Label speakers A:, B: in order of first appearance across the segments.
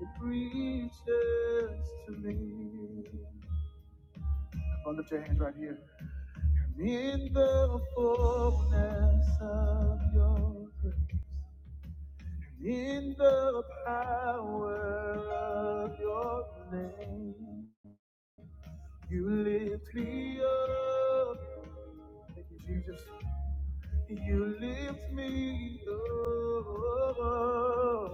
A: It reaches to me. Come on, lift your hands right here. I'm in the fullness of your grace. I'm in the power of your name. You lift me up. Thank you, Jesus. You lift me up.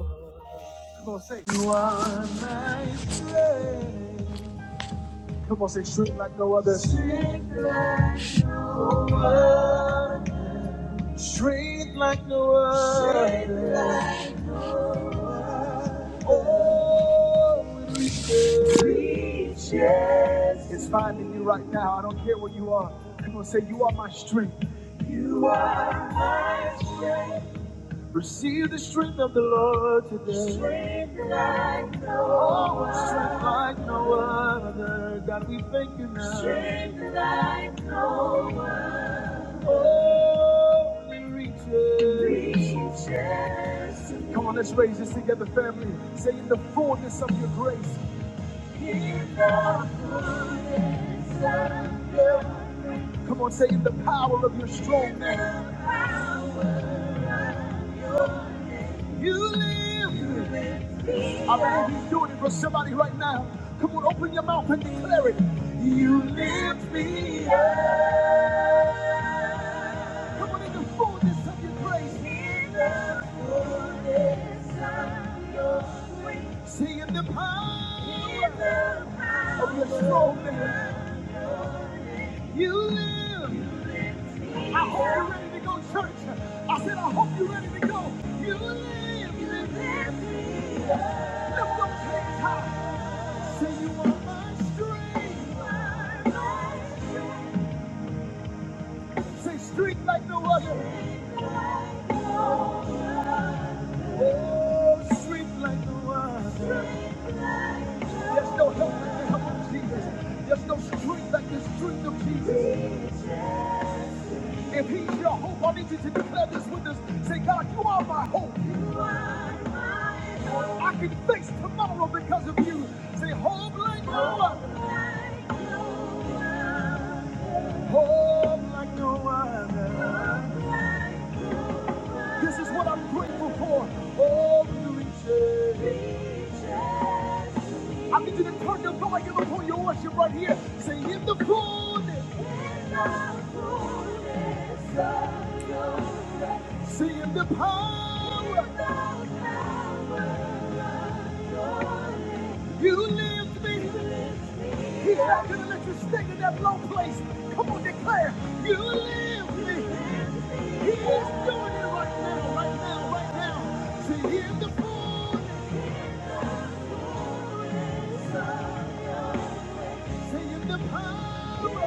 A: Come on, say, You are my strength. Come on, say strength like no other. Strength like no other. Strength like no other. Strength like no other. Oh, it reaches. Reaches. It's finding you right now. I don't care where you are. Come on, say you are my strength. you are my strength. Receive the strength of the Lord today. Strength like no other. Strength like no other. God, we thank you now. Strength like no other. Holy reaches. Reaches. Come on, let's raise this together, family. Say in the fullness of your grace. In the fullness of your grace. Come on, say in the power of your strong name. You live. I believe he's doing it for somebody right now. Come on, open your mouth and declare it. You lift me up. Come on, in the fullness of your grace. In the fullness of your grace. See in the power. In the power of your strong man. You live. You lift me I hope you're ready to go, church. I said, I hope you're ready to go. You live. You live. Street like no other. Oh, street like no other. There's no help like the help of Jesus. There's no strength like the strength of Jesus. If He's your hope, I need you to declare this with us. Say, God, you are my hope. I can face tomorrow because of you. Say, hope like no other. Hope like no other. This is what I'm grateful for. Oh, the riches. I need you to turn your volume up on your worship right here. Say, in the fullness. In the fullness of- in the power. You lift me. He's not going to let you stay in that low place. Come on, declare. You lift me. He is doing it right now, right now, right now. Say, in the fullness. Singing the power.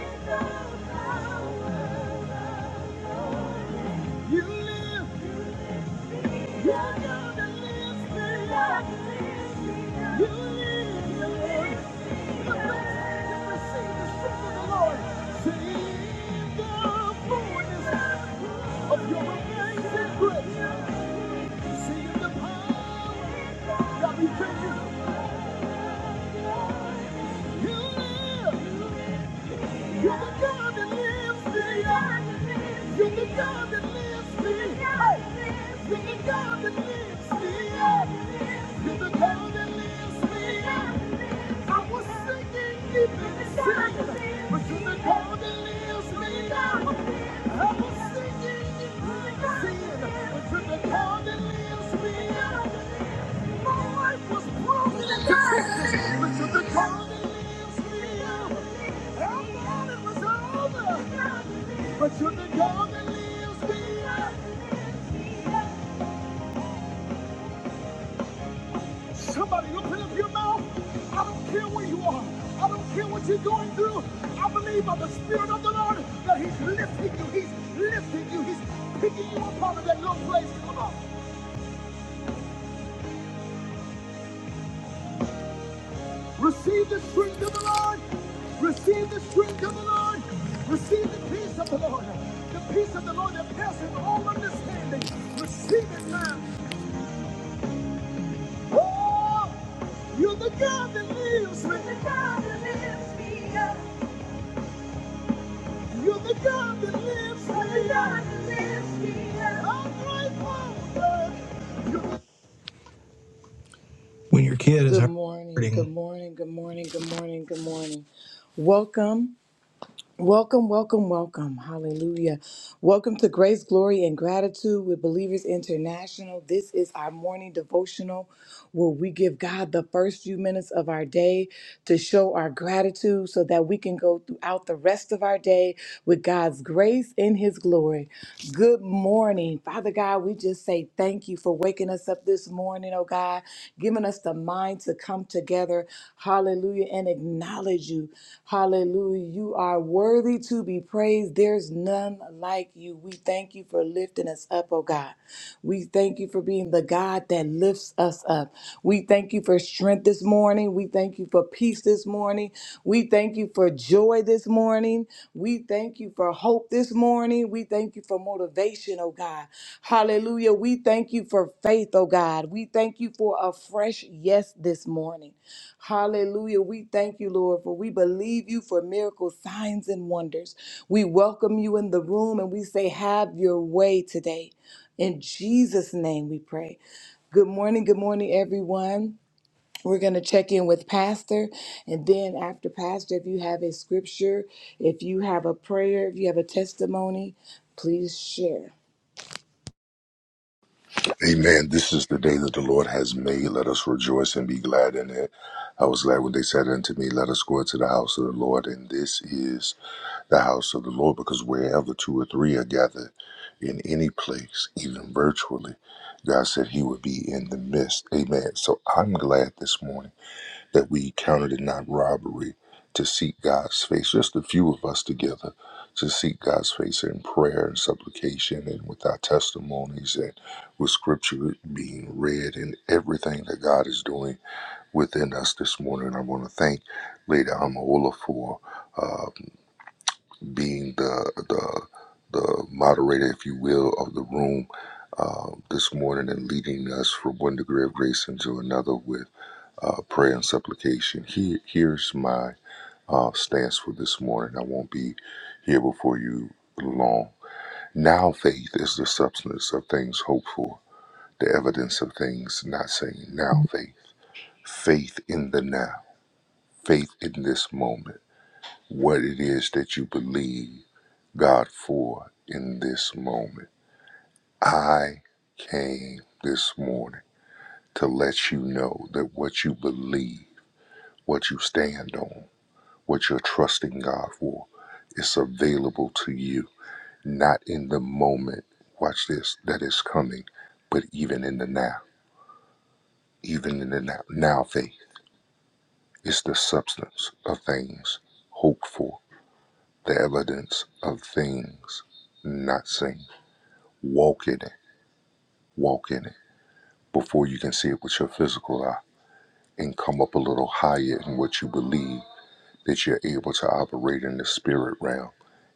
A: You live. You're gonna live. You live. You live. Look back and receive the strength of the Lord. See the fullness of your amazing grace. Singing the power. God, we thank you. You live. You're the God that lives me. You're the God that lives me. You're the God that lives me. You're the God that lives me. I was sinking deep in the sea, but you're the God that lives me. I was sinking deep in the sea, but you're the God that lives me. But you're the God that lives me. Somebody open up your mouth. I don't care where you are. I don't care what you're going through. I believe by the Spirit of the Lord that He's lifting you. He's lifting you. He's picking you up out of that low place. Come on. Receive the strength of the Lord. Receive the strength of the Lord. Receive the peace of the Lord. The peace of the Lord that passes all understanding. Receive it now. Oh, you're the God that lives me. You're the God that lives me You're the God that lives me You're the God that lives me I'm grateful, You're- the- When your kid is Good morning, good hurting, morning, good morning, good morning, good morning. Welcome. Welcome, welcome, welcome. Hallelujah. Welcome to Grace, Glory, and Gratitude with Believers International. This is our morning devotional where we give God the first few minutes of our day to show our gratitude so that we can go throughout the rest of our day with God's grace and His glory. Good morning. Father God, we just say thank you for waking us up this morning, oh God. God, giving us the mind to come together, hallelujah, and acknowledge you. Hallelujah. You are worthy to be praised. There's none like you. We thank you for lifting us up, oh God. We thank you for being the God that lifts us up. We thank you for strength this morning. We thank you for peace this morning. We thank you for joy this morning. We thank you for you for hope this morning. We thank you for motivation, oh God. Hallelujah. We thank you for faith, oh God. We thank you for a fresh yes this morning. Hallelujah. We thank you, Lord, for we believe you for miracles, signs, and wonders. We welcome you in the room and we say, Have your way today. In Jesus' name we pray. Good morning. Good morning, everyone. We're going to check in with Pastor. And then, after Pastor, if you have a scripture, if you have a prayer, if you have a testimony, please share.
B: Amen. This is the day that the Lord has made. Let us rejoice and be glad in it. I was glad when they said unto me, Let us go into the house of the Lord. And this is the house of the Lord, because wherever two or three are gathered in any place, even virtually, God said he would be in the midst. Amen. So I'm glad this morning that we counted it not robbery to seek God's face, just a few of us together, to seek God's face in prayer and supplication and with our testimonies and with scripture being read and everything that God is doing within us this morning. I want to thank Lady Amaola for uh, being the, the, the moderator, if you will, of the room uh, this morning and leading us from one degree of grace into another with uh, prayer and supplication. Here, here's my uh, stance for this morning. I won't be here before you long. Now, faith is the substance of things hoped for, the evidence of things not seen. Now, faith. Faith in the now, faith in this moment, what it is that you believe God for in this moment. I came this morning to let you know that what you believe, what you stand on, What you're trusting God for it's available to you, not in the moment. Watch this, that is coming, but even in the now, even in the now, now faith is the substance of things hoped for, the evidence of things not seen. Walk in it, walk in it before you can see it with your physical eye and come up a little higher in what you believe that you're able to operate in the spirit realm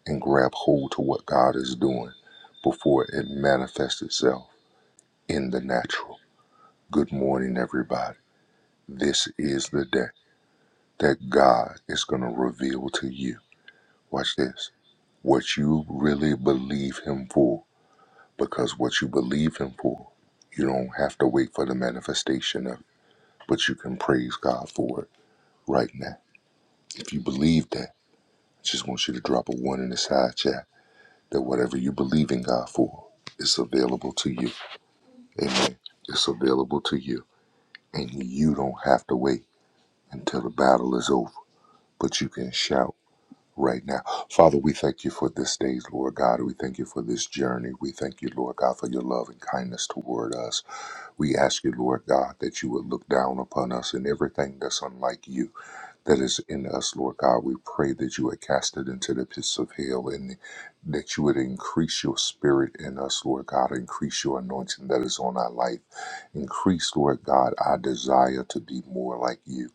B: and grab hold to what God is doing before it manifests itself in the natural. Good morning, everybody. This is the day that God is going to reveal to you. Watch this what you really believe Him for, because what you believe Him for, you don't have to wait for the manifestation of it, but you can praise God for it right now. If you believe that, I just want you to drop a one in the side chat that whatever you believe in God for is available to you. Amen. It's available to you. And you don't have to wait until the battle is over, but you can shout right now. Father, we thank you for this day, Lord God. We thank you for this journey. We thank you, Lord God, for your love and kindness toward us. We ask you, Lord God, that you would look down upon us and everything that's unlike you that is in us, Lord God. We pray that you would cast it into the pits of hell and that you would increase your spirit in us, Lord God. Increase your anointing that is on our life. Increase, Lord God, our desire to be more like you.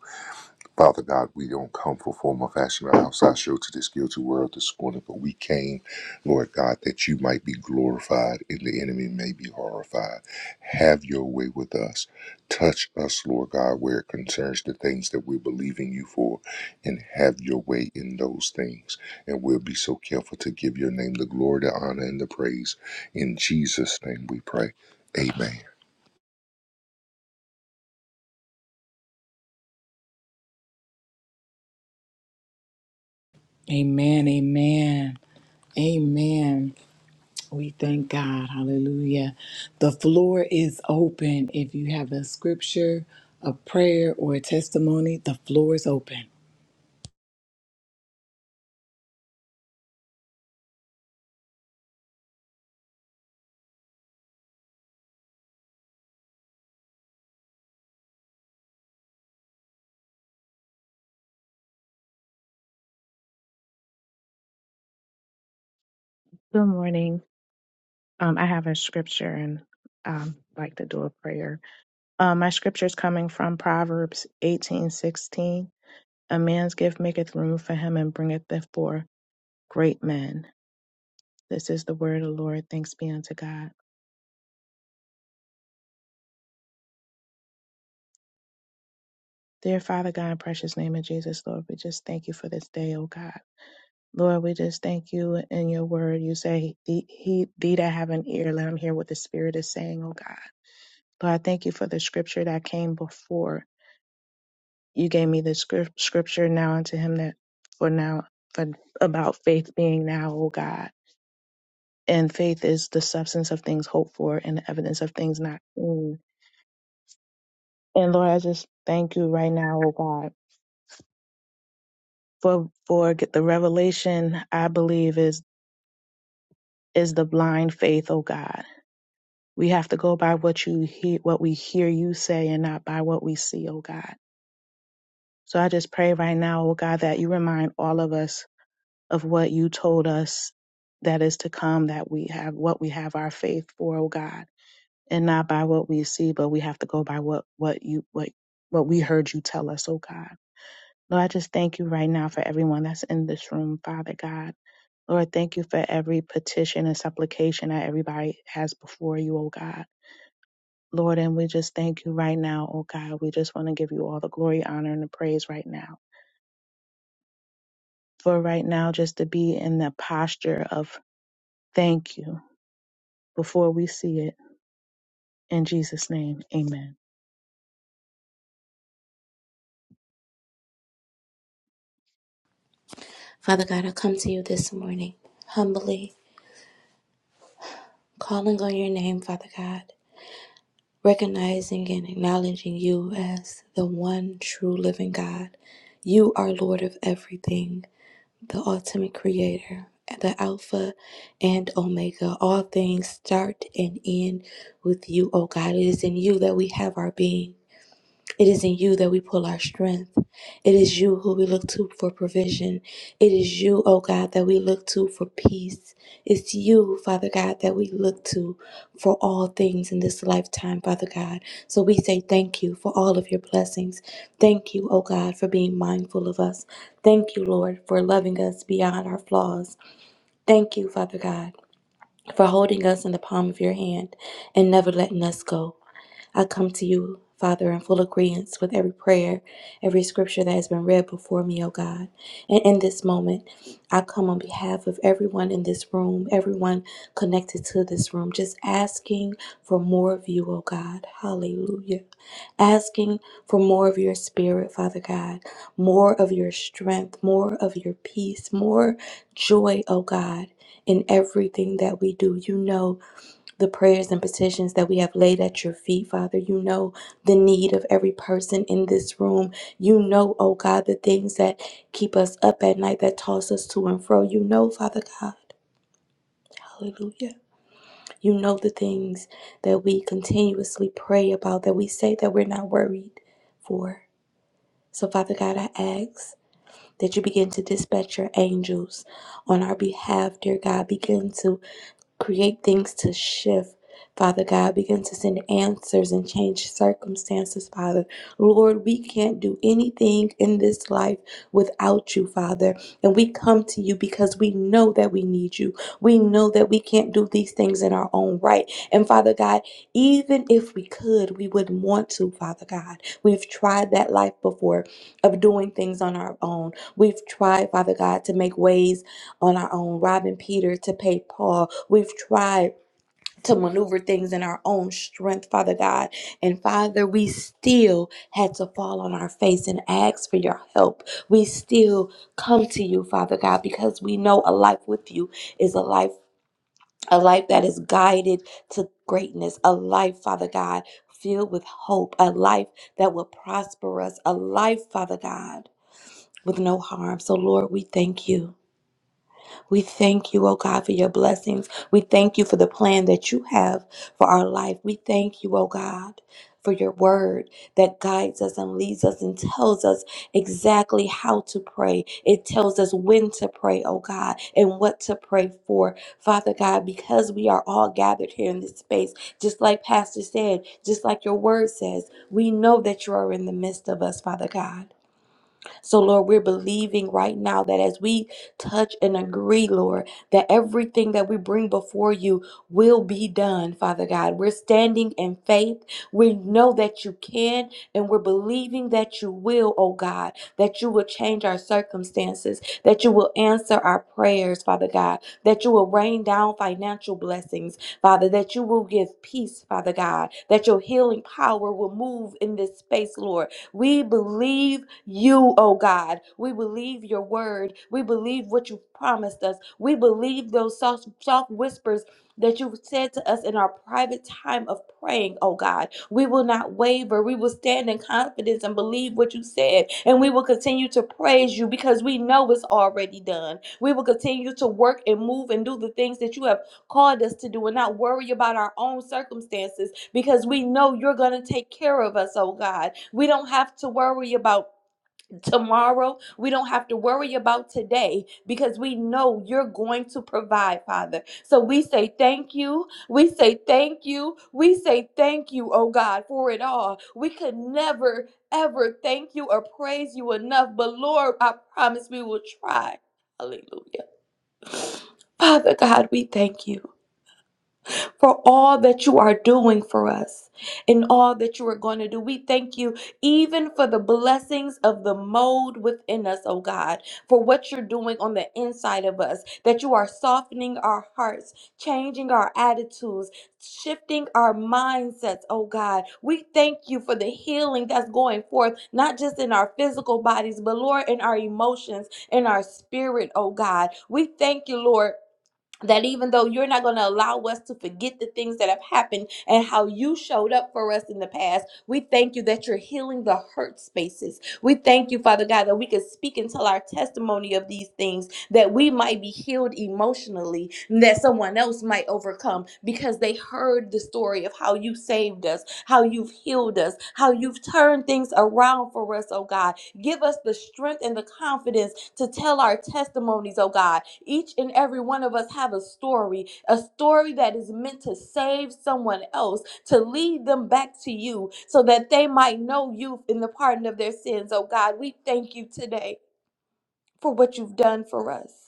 B: Father God, we don't come for form or fashion or outside show to this guilty world this morning, but we came, Lord God, that you might be glorified and the enemy may be horrified. Have your way with us. Touch us, Lord God, where it concerns the things that we're believing you for, and have your way in those things. And we'll be so careful to give your name the glory, the honor, and the praise. In Jesus' name we pray. Amen.
A: Amen. Amen. Amen. We thank God. Hallelujah. The floor is open. If you have a scripture, a prayer, or a testimony, the floor is open.
C: Good morning. Um, I have a scripture and um, like to do a prayer. Um, my scripture is coming from Proverbs eighteen sixteen. A man's gift maketh room for him and bringeth before great men. This is the word of the Lord. Thanks be unto God. Dear Father God, in precious name of Jesus, Lord, we just thank you for this day, O God. Lord, we just thank you in your word. You say, he, he, thee that have an ear, let him hear what the Spirit is saying, O God. Lord, I thank you for the scripture that came before. you gave me the scrip- scripture now unto him that for now for about faith being now O god and faith is the substance of things hoped for and the evidence of things not seen and lord i just thank you right now O god for for get the revelation i believe is is the blind faith O god we have to go by what you hear what we hear you say and not by what we see O god so i just pray right now O god that you remind all of us of what you told us that is to come, that we have what we have our faith for, oh God, and not by what we see, but we have to go by what what you what what we heard you tell us, oh God. Lord, I just thank you right now for everyone that's in this room, Father God. Lord, thank you for every petition and supplication that everybody has before you, oh God. Lord, and we just thank you right now, oh God. We just want to give you all the glory, honor, and the praise right now. For right now, just to be in the posture of thank you before we see it. In Jesus' name, amen.
D: Father God, I come to you this morning, humbly calling on your name, Father God, recognizing and acknowledging you as the one true living God. You are Lord of everything, the ultimate creator, the Alpha and Omega. All things start and end with you, O God. It is in you that we have our being. It is in you that we pull our strength. It is you who we look to for provision. It is you, oh God, that we look to for peace. It's you, Father God, that we look to for all things in this lifetime, Father God. So we say thank you for all of your blessings. Thank you, oh God, for being mindful of us. Thank you, Lord, for loving us beyond our flaws. Thank you, Father God, for holding us in the palm of your hand and never letting us go. I come to you, Father, in full agreement with every prayer, every scripture that has been read before me, O God. And in this moment, I come on behalf of everyone in this room, everyone connected to this room, just asking for more of you, O God. Hallelujah. Asking for more of your spirit, Father God, more of your strength, more of your peace, more joy, O God, in everything that we do. You know the prayers and petitions that we have laid at your feet, Father. You know the need of every person in this room. You know, oh God, the things that keep us up at night, that toss us to and fro. You know, Father God. Hallelujah. You know the things that we continuously pray about, that we say that we're not worried for. So, Father God, I ask that you begin to dispatch your angels on our behalf, dear God. Begin to create things to shift. Father God, begin to send answers and change circumstances, Father. Lord, we can't do anything in this life without you, Father. And we come to you because we know that we need you. We know that we can't do these things in our own right. And Father God, even if we could, we wouldn't want to, Father God. We've tried that life before of doing things on our own. We've tried, Father God, to make ways on our own, robbing Peter to pay Paul. We've tried to maneuver things in our own strength, Father God. And Father, we still had to fall on our face and ask for your help. We still come to you, Father God, because we know a life with you is a life, a life that is guided to greatness, a life, Father God, filled with hope, a life that will prosper us, a life, Father God, with no harm. So, Lord, we thank you. We thank you, oh God, for your blessings. We thank you for the plan that you have for our life. We thank you, oh God. For your word that guides us and leads us and tells us exactly how to pray. It tells us when to pray, oh God, and what to pray for. Father God, because we are all gathered here in this space, just like Pastor said, just like your word says, we know that you are in the midst of us, Father God. So, Lord, we're believing right now that as we touch and agree, Lord, that everything that we bring before you will be done, Father God. We're standing in faith. We know that you can, and we're believing that you will, oh God, that you will change our circumstances, that you will answer our prayers, Father God, that you will rain down financial blessings, Father, that you will give peace, Father God, that your healing power will move in this space, Lord, we believe you, oh God. We believe your word. We believe what you've promised us. We believe those soft, soft whispers that you've said to us in our private time of praying, oh God. We will not waver. We will stand in confidence and believe what you said. And we will continue to praise you because we know it's already done. We will continue to work and move and do the things that you have called us to do and not worry about our own circumstances because we know you're going to take care of us, oh God. We don't have to worry about tomorrow. We don't have to worry about today because we know you're going to provide, Father. So we say thank you. We say thank you. We say thank you, oh God, for it all. We could never, ever thank you or praise you enough, but Lord, I promise we will try. Hallelujah. Father God, we thank you for all that you are doing for us and all that you are going to do. We thank you even for the blessings of the mold within us, oh God, for what you're doing on the inside of us, that you are softening our hearts, changing our attitudes, shifting our mindsets, oh God. We thank you for the healing that's going forth, not just in our physical bodies, but Lord, in our emotions, in our spirit, oh God. We thank you, Lord that even though you're not going to allow us to forget the things that have happened and how you showed up for us in the past, we thank you that you're healing the hurt spaces. We thank you, Father God, that we can speak and tell our testimony of these things that we might be healed emotionally and that someone else might overcome because they heard the story of how you saved us how you've healed us how you've turned things around for us oh god give us the strength and the confidence to tell our testimonies oh god each and every one of us have a story a story that is meant to save someone else to lead them back to you so that they might know you in the pardon of their sins oh god we thank you today for what you've done for us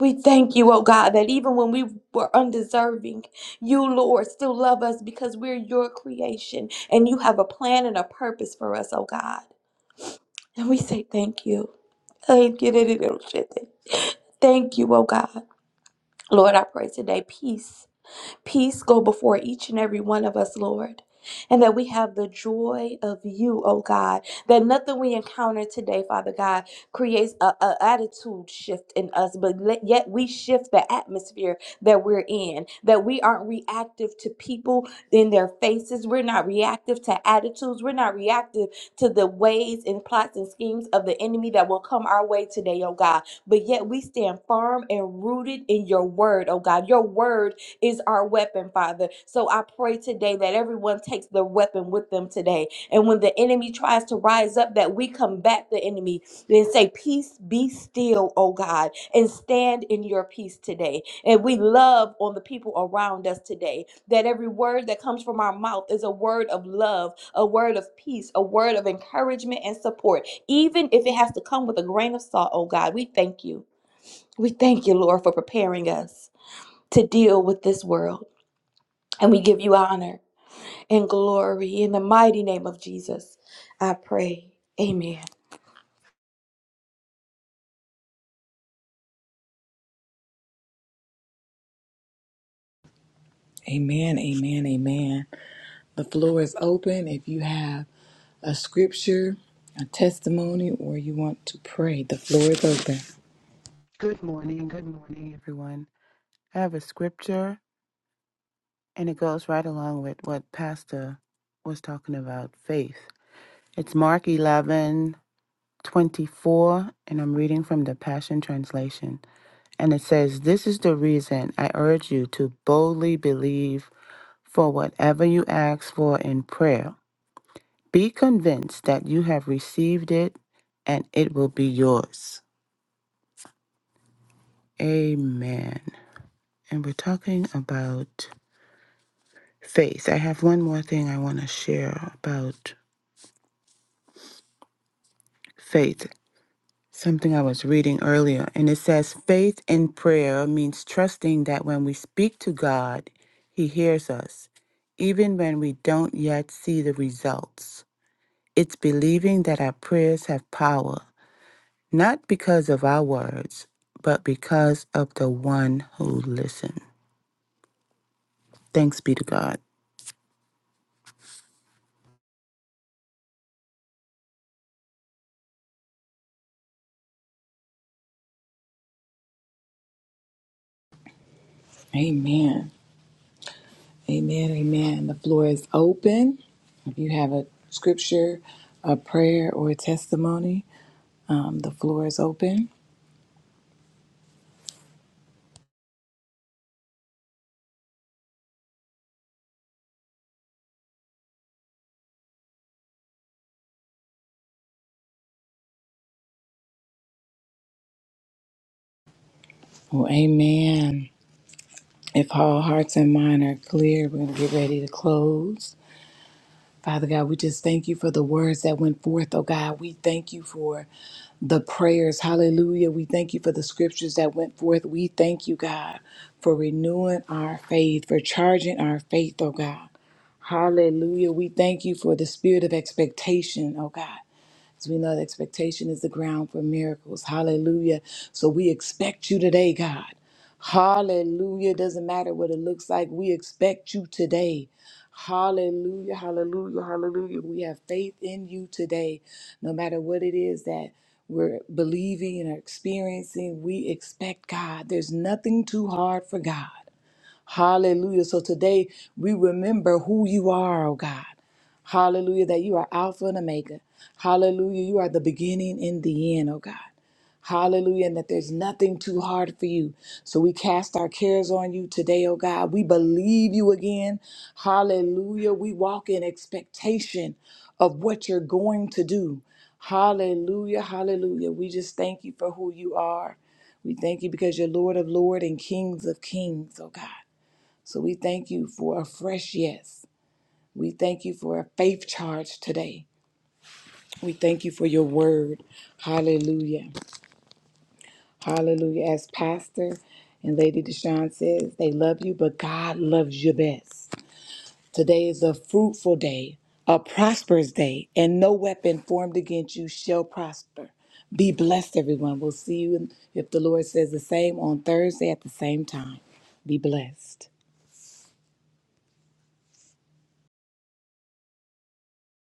D: we thank you, oh God, that even when we were undeserving, you, Lord, still love us because we're your creation and you have a plan and a purpose for us, oh God. And we say thank you. Thank you, Thank you, oh God. Lord, I pray today peace. Peace go before each and every one of us, Lord. And that we have the joy of you, oh God. That nothing we encounter today, Father God, creates a, a attitude shift in us, but let, yet we shift the atmosphere that we're in. That we aren't reactive to people in their faces. We're not reactive to attitudes. We're not reactive to the ways and plots and schemes of the enemy that will come our way today, oh God. But yet we stand firm and rooted in your word, oh God. Your word is our weapon, Father. So I pray today that everyone takes their weapon with them today. And when the enemy tries to rise up, that we combat the enemy and say, Peace be still, oh God, and stand in your peace today. And we love on the people around us today. That every word that comes from our mouth is a word of love, a word of peace, a word of encouragement and support, even if it has to come with a grain of salt, oh God. We thank you. We thank you, Lord, for preparing us to deal with this world. And we give you honor and glory in the mighty name of Jesus. I pray. Amen.
A: Amen. Amen. Amen. The floor is open. If you have a scripture, a testimony, or you want to pray, the floor is open.
E: Good morning, good morning, everyone. I have a scripture and it goes right along with what Pastor was talking about faith. It's Mark 11 24, and I'm reading from the Passion Translation. And it says, This is the reason I urge you to boldly believe for whatever you ask for in prayer. Be convinced that you have received it and it will be yours. Amen. And we're talking about faith. I have one more thing I want to share about faith, something I was reading earlier. And it says faith in prayer means trusting that when we speak to God, He hears us, even when we don't yet see the results. It's believing that our prayers have power, not because of our words, but because of the one who listens. Thanks be to God.
A: Amen. Amen. Amen. The floor is open. If you have a scripture, a prayer, or a testimony, um, the floor is open. Well, amen. If all hearts and mind are clear, we're going to get ready to close. Father God, we just thank you for the words that went forth, oh God. We thank you for the prayers. Hallelujah. We thank you for the scriptures that went forth. We thank you, God, for renewing our faith, for charging our faith, oh God. Hallelujah. We thank you for the spirit of expectation, oh God. As we know, expectation is the ground for miracles. Hallelujah. So we expect you today, God. Hallelujah. Doesn't matter what it looks like. We expect you today. Hallelujah. Hallelujah. Hallelujah. We have faith in you today. No matter what it is that we're believing and experiencing, we expect God. There's nothing too hard for God. Hallelujah. So today we remember who you are, oh God. Hallelujah, that you are Alpha and Omega. Hallelujah, you are the beginning and the end, oh God. Hallelujah, and that there's nothing too hard for you. So we cast our cares on you today, oh God. We believe you again. Hallelujah. We walk in expectation of what you're going to do. Hallelujah, hallelujah. We just thank you for who you are. We thank you because you're Lord of lords and Kings of Kings, oh God. So we thank you for a fresh yes. We thank you for a faith charge today. We thank you for your word. Hallelujah. Hallelujah. As Pastor and Lady Deshawn says, they love you, but God loves you best. Today is a fruitful day, a prosperous day, and no weapon formed against you shall prosper. Be blessed, everyone. We'll see you in- if the Lord says the same on Thursday at the same time. Be blessed.